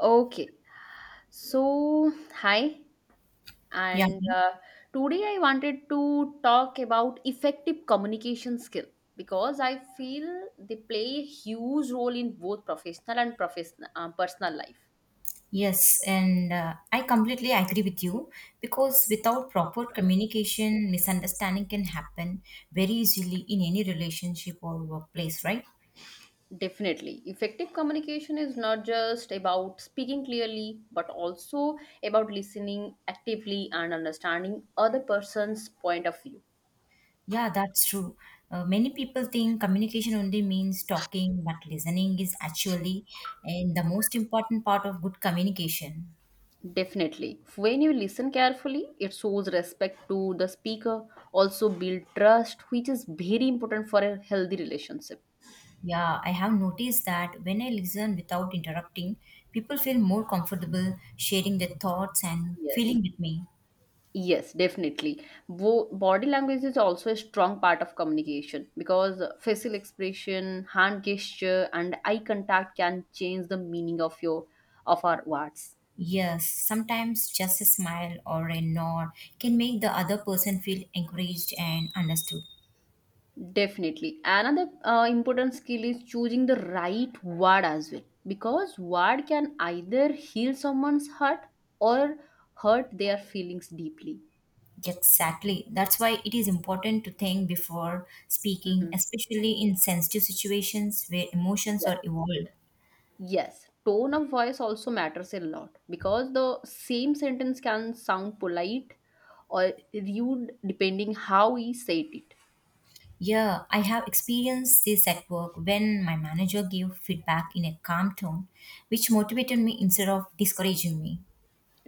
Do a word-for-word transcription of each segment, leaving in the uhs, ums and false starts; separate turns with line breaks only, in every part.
Okay. So, hi.
Yeah.
And uh, Today I wanted to talk about effective communication skill because I feel they play a huge role in both professional and professional uh, personal life.
Yes, and uh, I completely agree with you because without proper communication, misunderstanding can happen very easily in any relationship or workplace, right?
Definitely. Effective communication is not just about speaking clearly, but also about listening actively and understanding other person's point of view.
Yeah, that's true. Uh, many people think communication only means talking, but listening is actually and the most important part of good communication.
Definitely. When you listen carefully, it shows respect to the speaker, also build trust, which is very important for a healthy relationship.
Yeah, I have noticed that when I listen without interrupting, people feel more comfortable sharing their thoughts and
Yes.
feeling with me.
Yes, definitely. Bo- body language is also a strong part of communication because facial expression, hand gesture, and eye contact can change the meaning of your of our words.
Yes, sometimes just a smile or a nod can make the other person feel encouraged and understood.
Definitely. Another uh, important skill is choosing the right word as well, because word can either heal someone's hurt or hurt their feelings deeply.
Exactly. That's why it is important to think before speaking,
Mhm.
especially in sensitive situations where emotions
Yes.
are involved.
Yes. Tone of voice also matters a lot because the same sentence can sound polite or rude depending how we said it.
Yeah, I have experienced this at work when my manager gave feedback in a calm tone, which motivated me instead of discouraging me.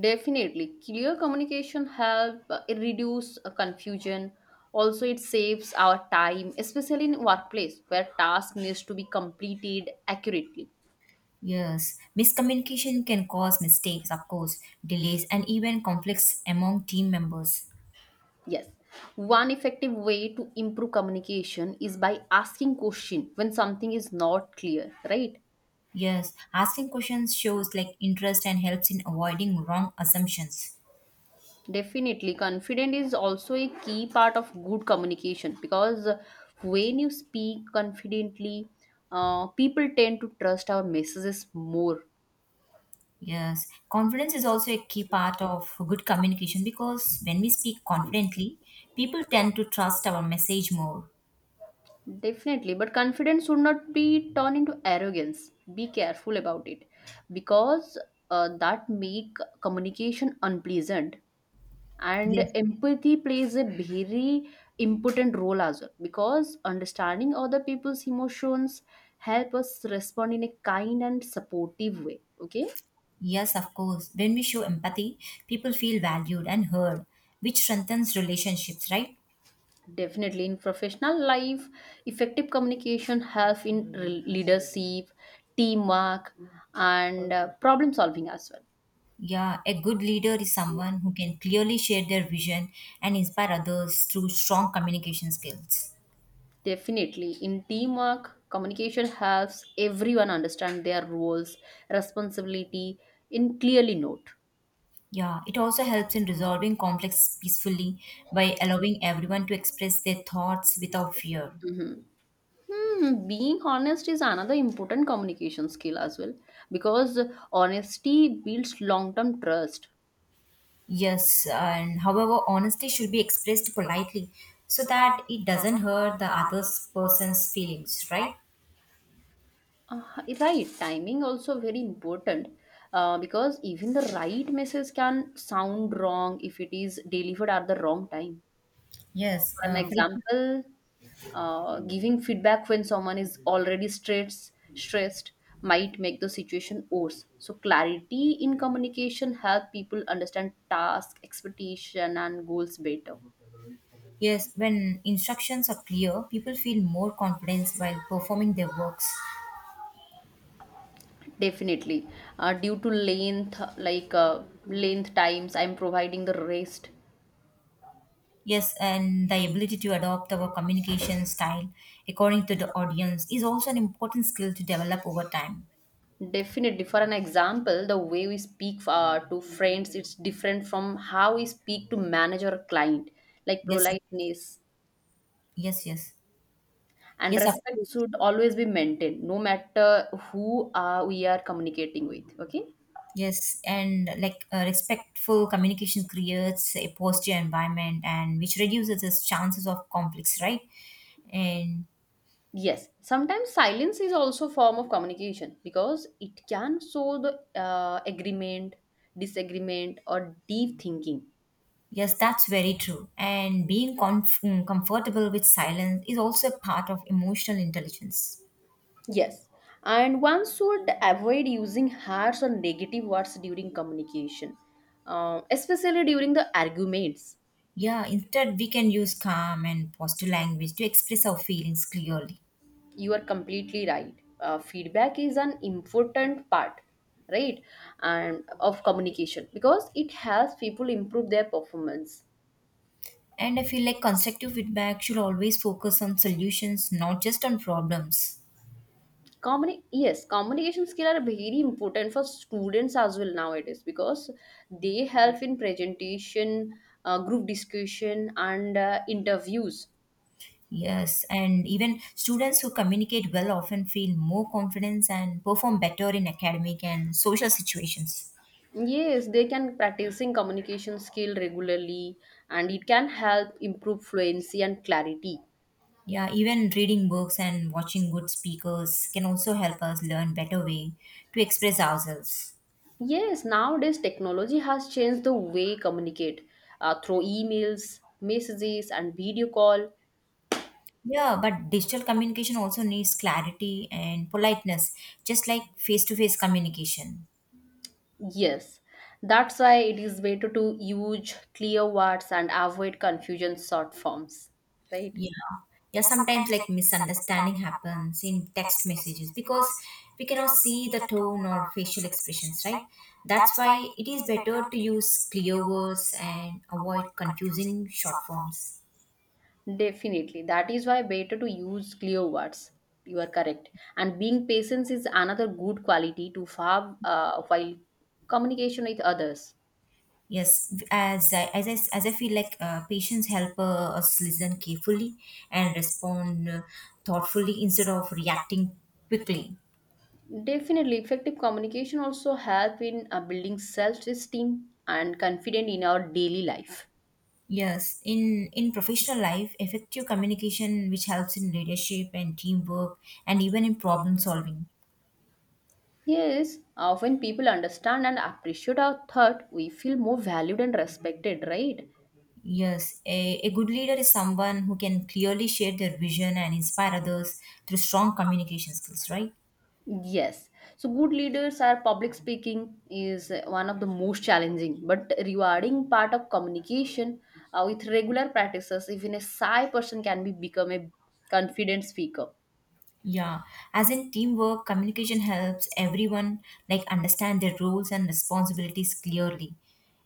Definitely, clear communication help uh, it reduce uh, confusion. Also, it saves our time, especially in workplace where task needs to be completed accurately.
Yes, miscommunication can cause mistakes, of course, delays, and even conflicts among team members.
Yes, one effective way to improve communication is by asking question when something is not clear. Right?
Yes, asking questions shows like interest and helps in avoiding wrong assumptions.
Definitely, confident is also a key part of good communication because uh, when you speak confidently, uh, people tend to trust our messages more.
Yes, confidence is also a key part of good communication because when we speak confidently, people tend to trust our message more.
Definitely, but confidence should not be turned into arrogance. Be careful about it because uh, that make communication unpleasant, and
Yes,
empathy plays a very important role as well because understanding other people's emotions help us respond in a kind and supportive way. Okay,
yes, of course. When we show empathy, people feel valued and heard, which strengthens relationships, right?
definitely, in professional life effective communication help in re- leadership, teamwork, and uh, problem solving as well.
Yeah, a good leader is someone who can clearly share their vision and inspire others through strong communication skills.
Definitely. In teamwork, communication helps everyone understand their roles, responsibility, in clearly note.
Yeah, it also helps in resolving conflicts peacefully by allowing everyone to express their thoughts without fear.
Hmm, being honest is another important communication skill as well because honesty builds long-term trust.
Yes, and however, honesty should be expressed politely so that it doesn't hurt the other person's feelings, right?
Uh, right, timing also very important, uh, because even the right message can sound wrong if it is delivered at the wrong time.
Yes,
For an
uh, for example,
example, uh, giving feedback when someone is already stressed, stressed might make the situation worse. So clarity in communication help people understand task, expectation, and goals better.
yes, when instructions are clear, people feel more confidence while performing their works.
Definitely, uh, due to length, like uh, length times, I'm providing the rest.
Yes, and the ability to adopt our communication style according to the audience is also an important skill to develop over time.
Definitely, for an example, the way we speak uh, to friends, it's different from how we speak to manager or client, like
Yes,
politeness
yes, yes.
and
Yes, of
respect
course.
should always be maintained no matter who uh, we are communicating with. Okay,
Yes, and like uh, respectful communication creates a positive environment and which reduces the chances of conflicts, right? And
yes, sometimes silence is also a form of communication because it can show the uh, agreement, disagreement, or deep thinking.
yes, that's very true. And being comf- mm, comfortable with silence is also a part of emotional intelligence.
Yes, and one should avoid using harsh or negative words during communication, uh, especially during the arguments.
Yeah, instead, we can use calm and positive language to express our feelings clearly.
You are completely right, uh, feedback is an important part, right, and of communication because it helps people improve their performance.
And I feel like constructive feedback should always focus on solutions, not just on problems.
Communi- yes, communication skills are very important for students as well nowadays because they help in presentation, uh, group discussion, and uh, interviews.
Yes, and even students who communicate well often feel more confidence and perform better in academic and social situations.
Yes, they can practicing communication skill regularly, and it can help improve fluency and clarity.
Yeah, even reading books and watching good speakers can also help us learn better way to express ourselves.
Yes, nowadays technology has changed the way communicate uh, through emails, messages, and video call.
Yeah, but digital communication also needs clarity and politeness, just like face-to-face communication.
Yes, that's why it is better to use clear words and avoid confusion short forms, right?
Yeah. Yeah, sometimes like misunderstanding happens in text messages because we cannot see the tone or facial expressions, right? That's why it is better to use clear words and avoid confusing short forms.
Definitely, that is why better to use clear words. You are correct, and being patient is another good quality to have uh, while communication with others.
Yes, as I, as I, as I feel like uh, patients help uh, us listen carefully and respond uh, thoughtfully instead of reacting quickly.
Definitely, effective communication also help in uh, building self-esteem and confidence in our daily life.
Yes, in in professional life, effective communication which helps in leadership and teamwork and even in problem solving.
Yes, uh, when people understand and appreciate our thought, we feel more valued and respected, right?
Yes, a, a good leader is someone who can clearly share their vision and inspire others through strong communication skills, right?
Yes. So good leaders are public speaking is uh, one of the most challenging but rewarding part of communication. Uh, with regular practices, even a shy person can be become a confident speaker.
Yeah. As in teamwork, communication helps everyone like understand their roles and responsibilities clearly.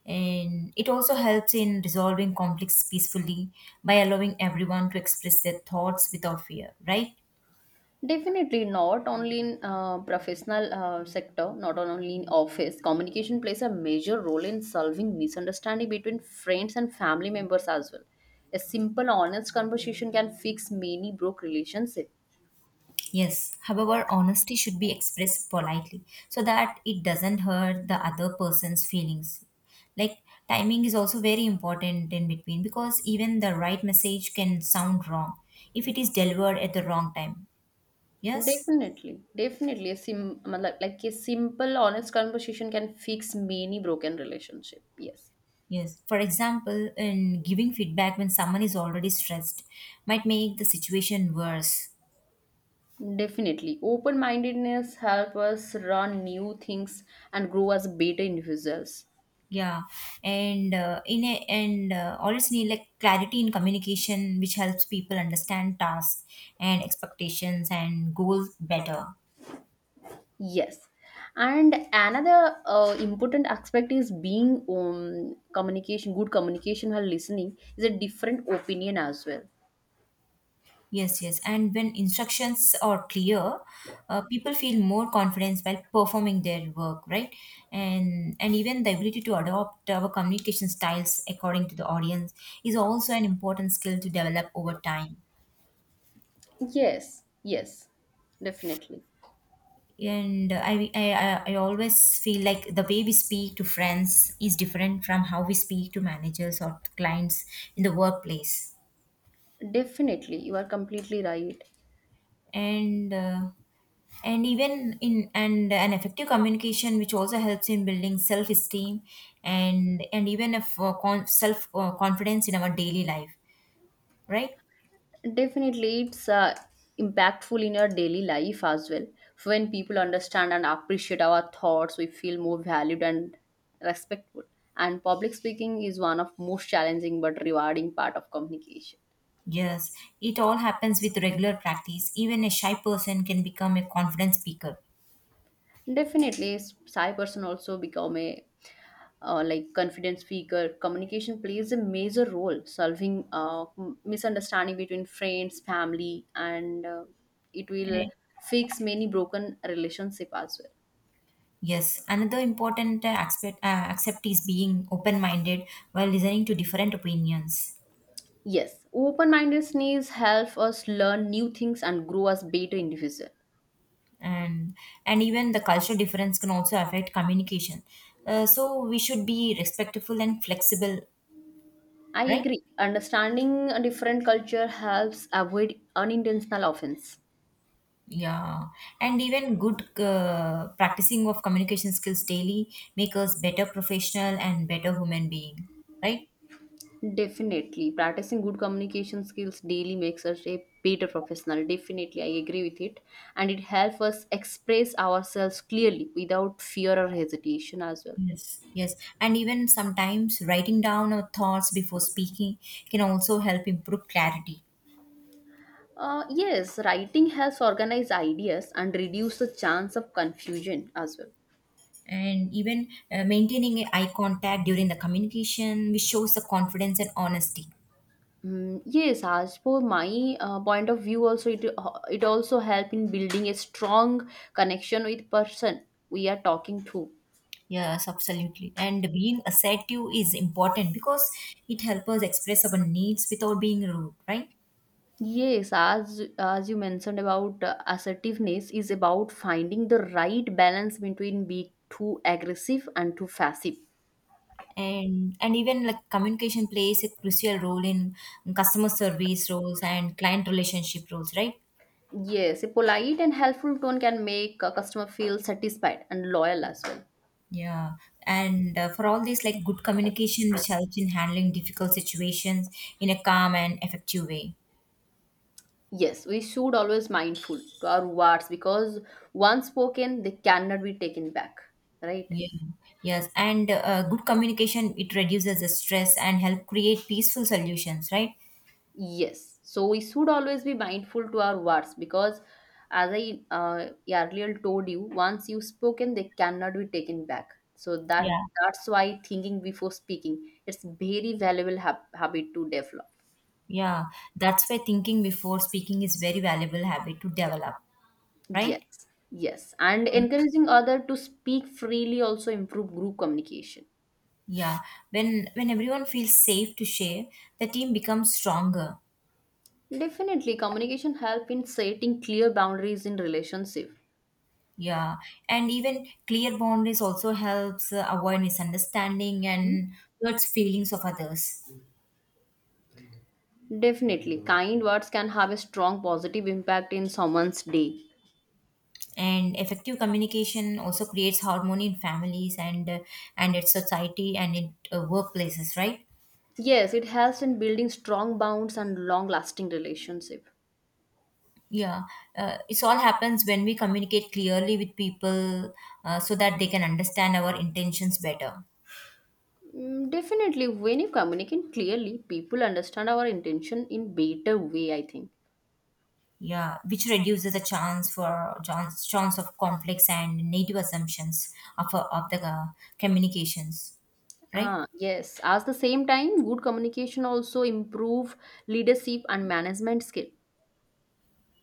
And it also helps in resolving conflicts peacefully by allowing everyone to express their thoughts without fear, right?
Definitely, not only in uh, professional uh, sector, not only in office. Communication plays a major role in solving misunderstanding between friends and family members as well. A simple, honest conversation can fix many broke relationship.
Yes, however, honesty should be expressed politely so that it doesn't hurt the other person's feelings. Like, timing is also very important in between because even the right message can sound wrong if it is delivered at the wrong time. Yes?
Definitely, definitely, a sim matlab- like like a simple, honest conversation can fix many broken relationship. Yes.
Yes. For example, in giving feedback when someone is already stressed might make the situation worse.
Definitely. Open mindedness help us learn new things and grow as better individuals.
Yeah, and uh, in a, and uh, always need like clarity in communication which helps people understand tasks and expectations and goals better.
Yes. And another uh, important aspect is being um, communication, good communication while listening is a different opinion as well.
Yes, yes, and when instructions are clear, uh, people feel more confidence while performing their work, right? And and even the ability to adopt our communication styles according to the audience is also an important skill to develop over time.
Yes, yes, definitely.
And I, I i I always feel like the way we speak to friends is different from how we speak to managers or to clients in the workplace.
Definitely, you are completely right.
And uh, and even in and an effective communication which also helps in building self esteem and and even if uh, con- self uh, confidence in our daily life, right?
Definitely, it's uh, impactful in your daily life as well. When people understand and appreciate our thoughts, we feel more valued and respectful. And public speaking is one of most challenging but rewarding part of communication.
Yes, it all happens with regular practice. Even a shy person can become a confident speaker,
Definitely, s- shy person also become a uh, like confident speaker. Communication plays a major role solving uh, m- misunderstanding between friends, family, and uh, it will
right?
fix many broken relationship as well.
Yes, another important uh, aspect uh, accept is being open-minded while listening to different opinions,
Yes, open-mindedness help us learn new things and grow as better individual.
and and even the cultural difference can also affect communication. Uh, so we should be respectful and flexible,
I
right?
agree. Understanding a different culture helps avoid unintentional offense.
Yeah, and even good uh, practicing of communication skills daily make us better professional and better human being, right?
Definitely. Practicing good communication skills daily makes us a better professional. Definitely, I agree with it. And it helps us express ourselves clearly without fear or hesitation as well.
Yes, yes. And even sometimes writing down our thoughts before speaking can also help improve clarity.
Uh, yes, writing helps organize ideas and reduce the chance of confusion as well.
And even uh, maintaining a eye contact during the communication which shows the confidence and honesty.
Mm, yes, as for my uh, point of view, also it uh, it also help in building a strong connection with person we are talking to.
Yes, absolutely. And being assertive is important because it helps us express our needs without being rude, right?
Yes, as as you mentioned about uh, assertiveness is about finding the right balance between being too aggressive and too passive.
And and even like communication plays a crucial role in customer service roles and client relationship roles, right?
Yes, a polite and helpful tone can make a customer feel satisfied and loyal as well.
Yeah, and uh, for all this like good communication which helps in handling difficult situations in a calm and effective way.
Yes, we should always mindful to our words because once spoken, they cannot be taken back. Right?
Yeah. Yes, and uh, good communication it reduces the stress and help create peaceful solutions, right?
Yes. So we should always be mindful to our words because, as I uh, earlier told you, once you've spoken, they cannot be taken back. So that
Yeah.
that's why thinking before speaking it's very valuable hab- habit to develop.
Yeah, that's why thinking before speaking is very valuable habit to develop,
Yes,
right?
yes, and
And
encouraging other to speak freely also improve group communication.
yeah, when when everyone feels safe to share, the team becomes stronger.
Definitely, communication help in setting clear boundaries in relationship.
Yeah, and even clear boundaries also helps uh, avoid misunderstanding and hurts feelings of others.
Mhm. Definitely, kind words can have a strong positive impact in someone's day.
And effective communication also creates harmony in families and uh, and its society and in uh, workplaces, right?
Yes, it helps in building strong bonds and long-lasting relationship.
Yeah, uh, it's all happens when we communicate clearly with people, uh, so that they can understand our intentions better.
Mm, definitely, when you communicate clearly, people understand our intention in better way, I think.
Yeah, which reduces the chance for chance, chance of conflicts and native assumptions of, uh, of the uh, communications, right?
Ah, yes. At the same time, good communication also improve leadership and management skill.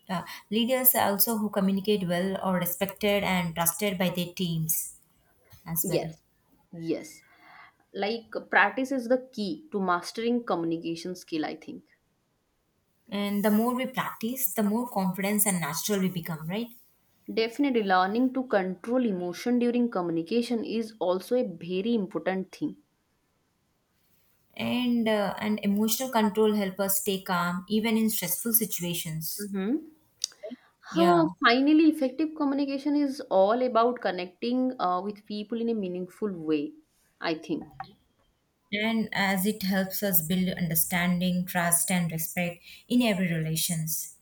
Uh, Leaders also who communicate well are respected and trusted by their teams as well.
Yes. Yes. Like practice is the key to mastering communication skill, I think.
And the more we practice the more confidence and natural we become, right?
Definitely, learning to control emotion during communication is also a very important thing.
And uh, and emotional control help us stay calm even in stressful situations.
Mhm.
Yeah,
Huh, finally, effective communication is all about connecting uh, with people in a meaningful way, I think.
and as it helps us build understanding trust and respect in every relations.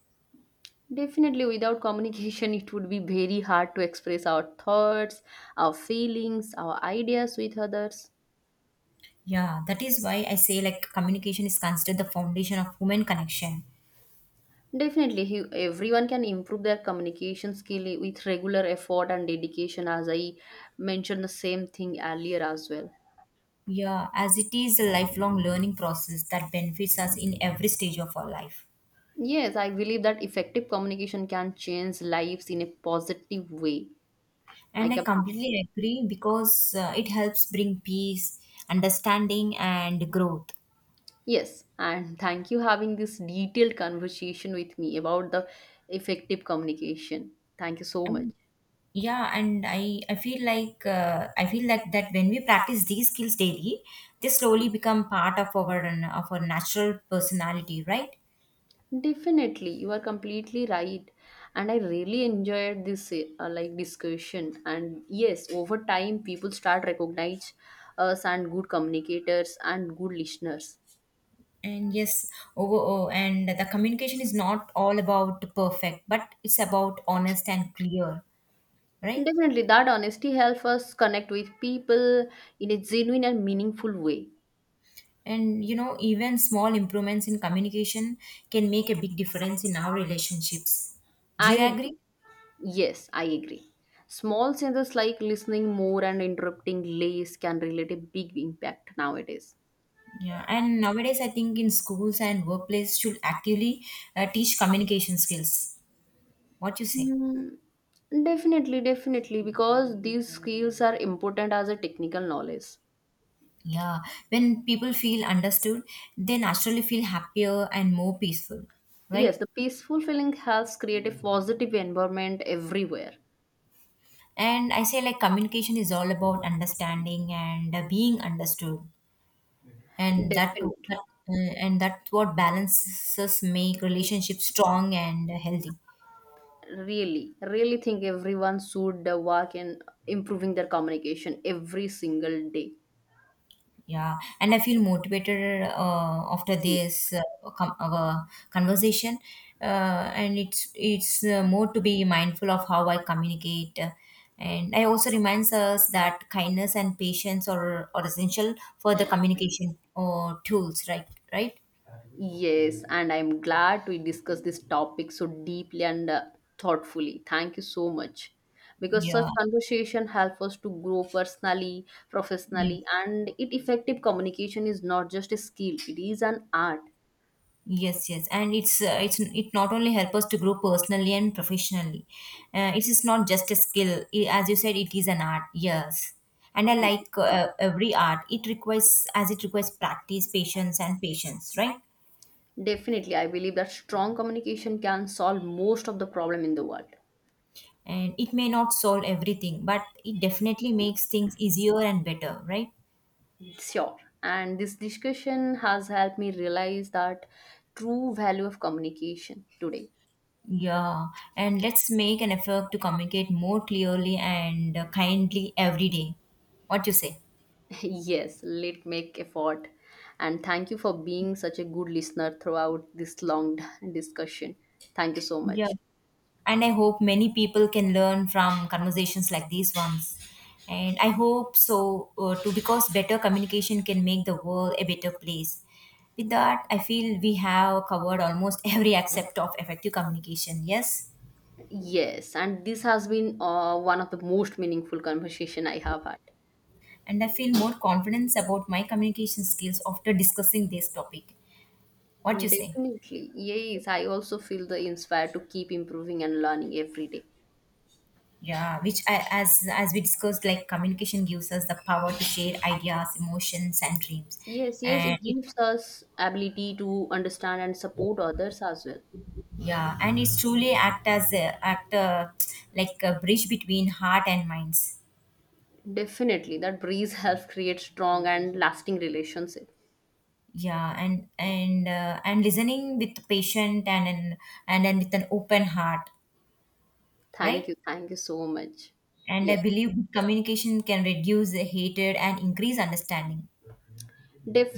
Definitely, without communication, it would be very hard to express our thoughts, our feelings, our ideas with others.
Yeah, that is why I say like communication is considered the foundation of human connection.
Definitely, he- everyone can improve their communication skill with regular effort and dedication, as I mentioned the same thing earlier as well.
Yeah, as it is a lifelong learning process that benefits us in every stage of our life.
Yes, I believe that effective communication can change lives in a positive way. I
And I
completely.
completely agree because uh, it helps bring peace, understanding, and growth.
Yes, and thank you having this detailed conversation with me about the effective communication. Thank you so much.
And yeah, and I I feel like uh, I feel like that when we practice these skills daily, they slowly become part of our of our natural personality, right?
Definitely, you are completely right, and I really enjoyed this uh, like discussion. And yes, over time, people start recognize us and good communicators and good listeners.
And yes, oh, oh, oh, and the communication is not all about perfect, but it's about honest and clear, right?
Definitely, that honesty helps us connect with people in a genuine and meaningful way.
And you know even small improvements in communication can make a big difference in our relationships, do
I
you
agree.
agree?
Yes, I agree. Small changes like listening more and interrupting less can relate a big impact nowadays.
Yeah, and nowadays I think in schools and workplace should actively uh, teach communication skills, what you say?
Hmm, Definitely, definitely, because these skills are important as a technical knowledge.
Yeah, when people feel understood they naturally feel happier and more peaceful,
Yes,
right?
the peaceful feeling helps create a positive environment everywhere.
And I say like communication is all about understanding and uh, being understood. And that,
Definitely.
that uh, and that's what balances make relationships strong and healthy.
Really, really think everyone should uh, work in improving their communication every single day.
Yeah, and I feel motivated uh, after this uh, com- uh, conversation, uh, and it's it's uh, more to be mindful of how I communicate, uh, and I also reminds us that kindness and patience are, are essential for the communication or tools, right? Right.
Yes, and I'm glad we discussed this topic so deeply and uh, thoughtfully. Thank you so much. Because such
Yeah.
conversation help us to grow personally,
Yeah.
professionally, and it effective communication is not just a skill, it is an art.
Yes, yes, and it's uh, it's it not only help us to grow personally and professionally. Uh, it is not just a skill, I- as you said, it is an art. Yes, and I like uh, every art. It requires as it requires practice, patience, and patience, right?
Definitely, I believe that strong communication can solve most of the problem in the world.
And it may not solve everything, but it definitely makes things easier and better, right?
Sure. And this discussion has helped me realize that true value of communication today.
Yeah, and let's make an effort to communicate more clearly and uh, kindly every day. What you say?
Yes, let us make effort. And thank you for being such a good listener throughout this long discussion. Thank you so
Yeah.
much.
And I hope many people can learn from conversations like these ones, and I hope so uh, too because better communication can make the world a better place. With that I feel we have covered almost every aspect of effective communication. Yes,
Yes, and this has been uh, one of the most meaningful conversation I have had.
and I feel more confidence about my communication skills after discussing this topic, what you
And
say?
definitely, yes, I also feel the inspired to keep improving and learning every day.
Yeah, which I, as as we discussed like communication gives us the power to share ideas emotions and dreams
Yes, yes,
and
it
it.
gives us ability to understand and support others as well.
Yeah, and it's truly act as a act uh, like a bridge between heart and minds.
Definitely, that breeze helps create strong and lasting relationship.
Yeah, and and uh, and listening with patient and and and then with an open heart, right?
Thank you. Thank you so much.
And I
Yes,
believe good communication can reduce the hatred and increase understanding.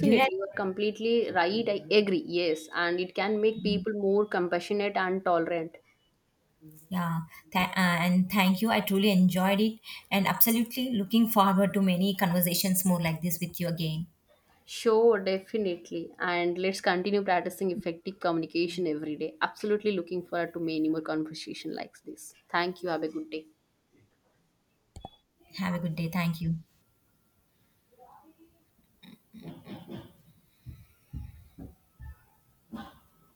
Do you
You
agree?
are completely right. I agree. Yes. And it can make people more compassionate and tolerant.
Yeah, tha- uh, and thank you. I truly enjoyed it, and absolutely looking forward to many conversations more like this with you again.
Sure, definitely. And let's continue practicing effective communication every day. Absolutely looking forward to many more conversation like this. Thank you. Have a good day.
Have a good day. Thank you.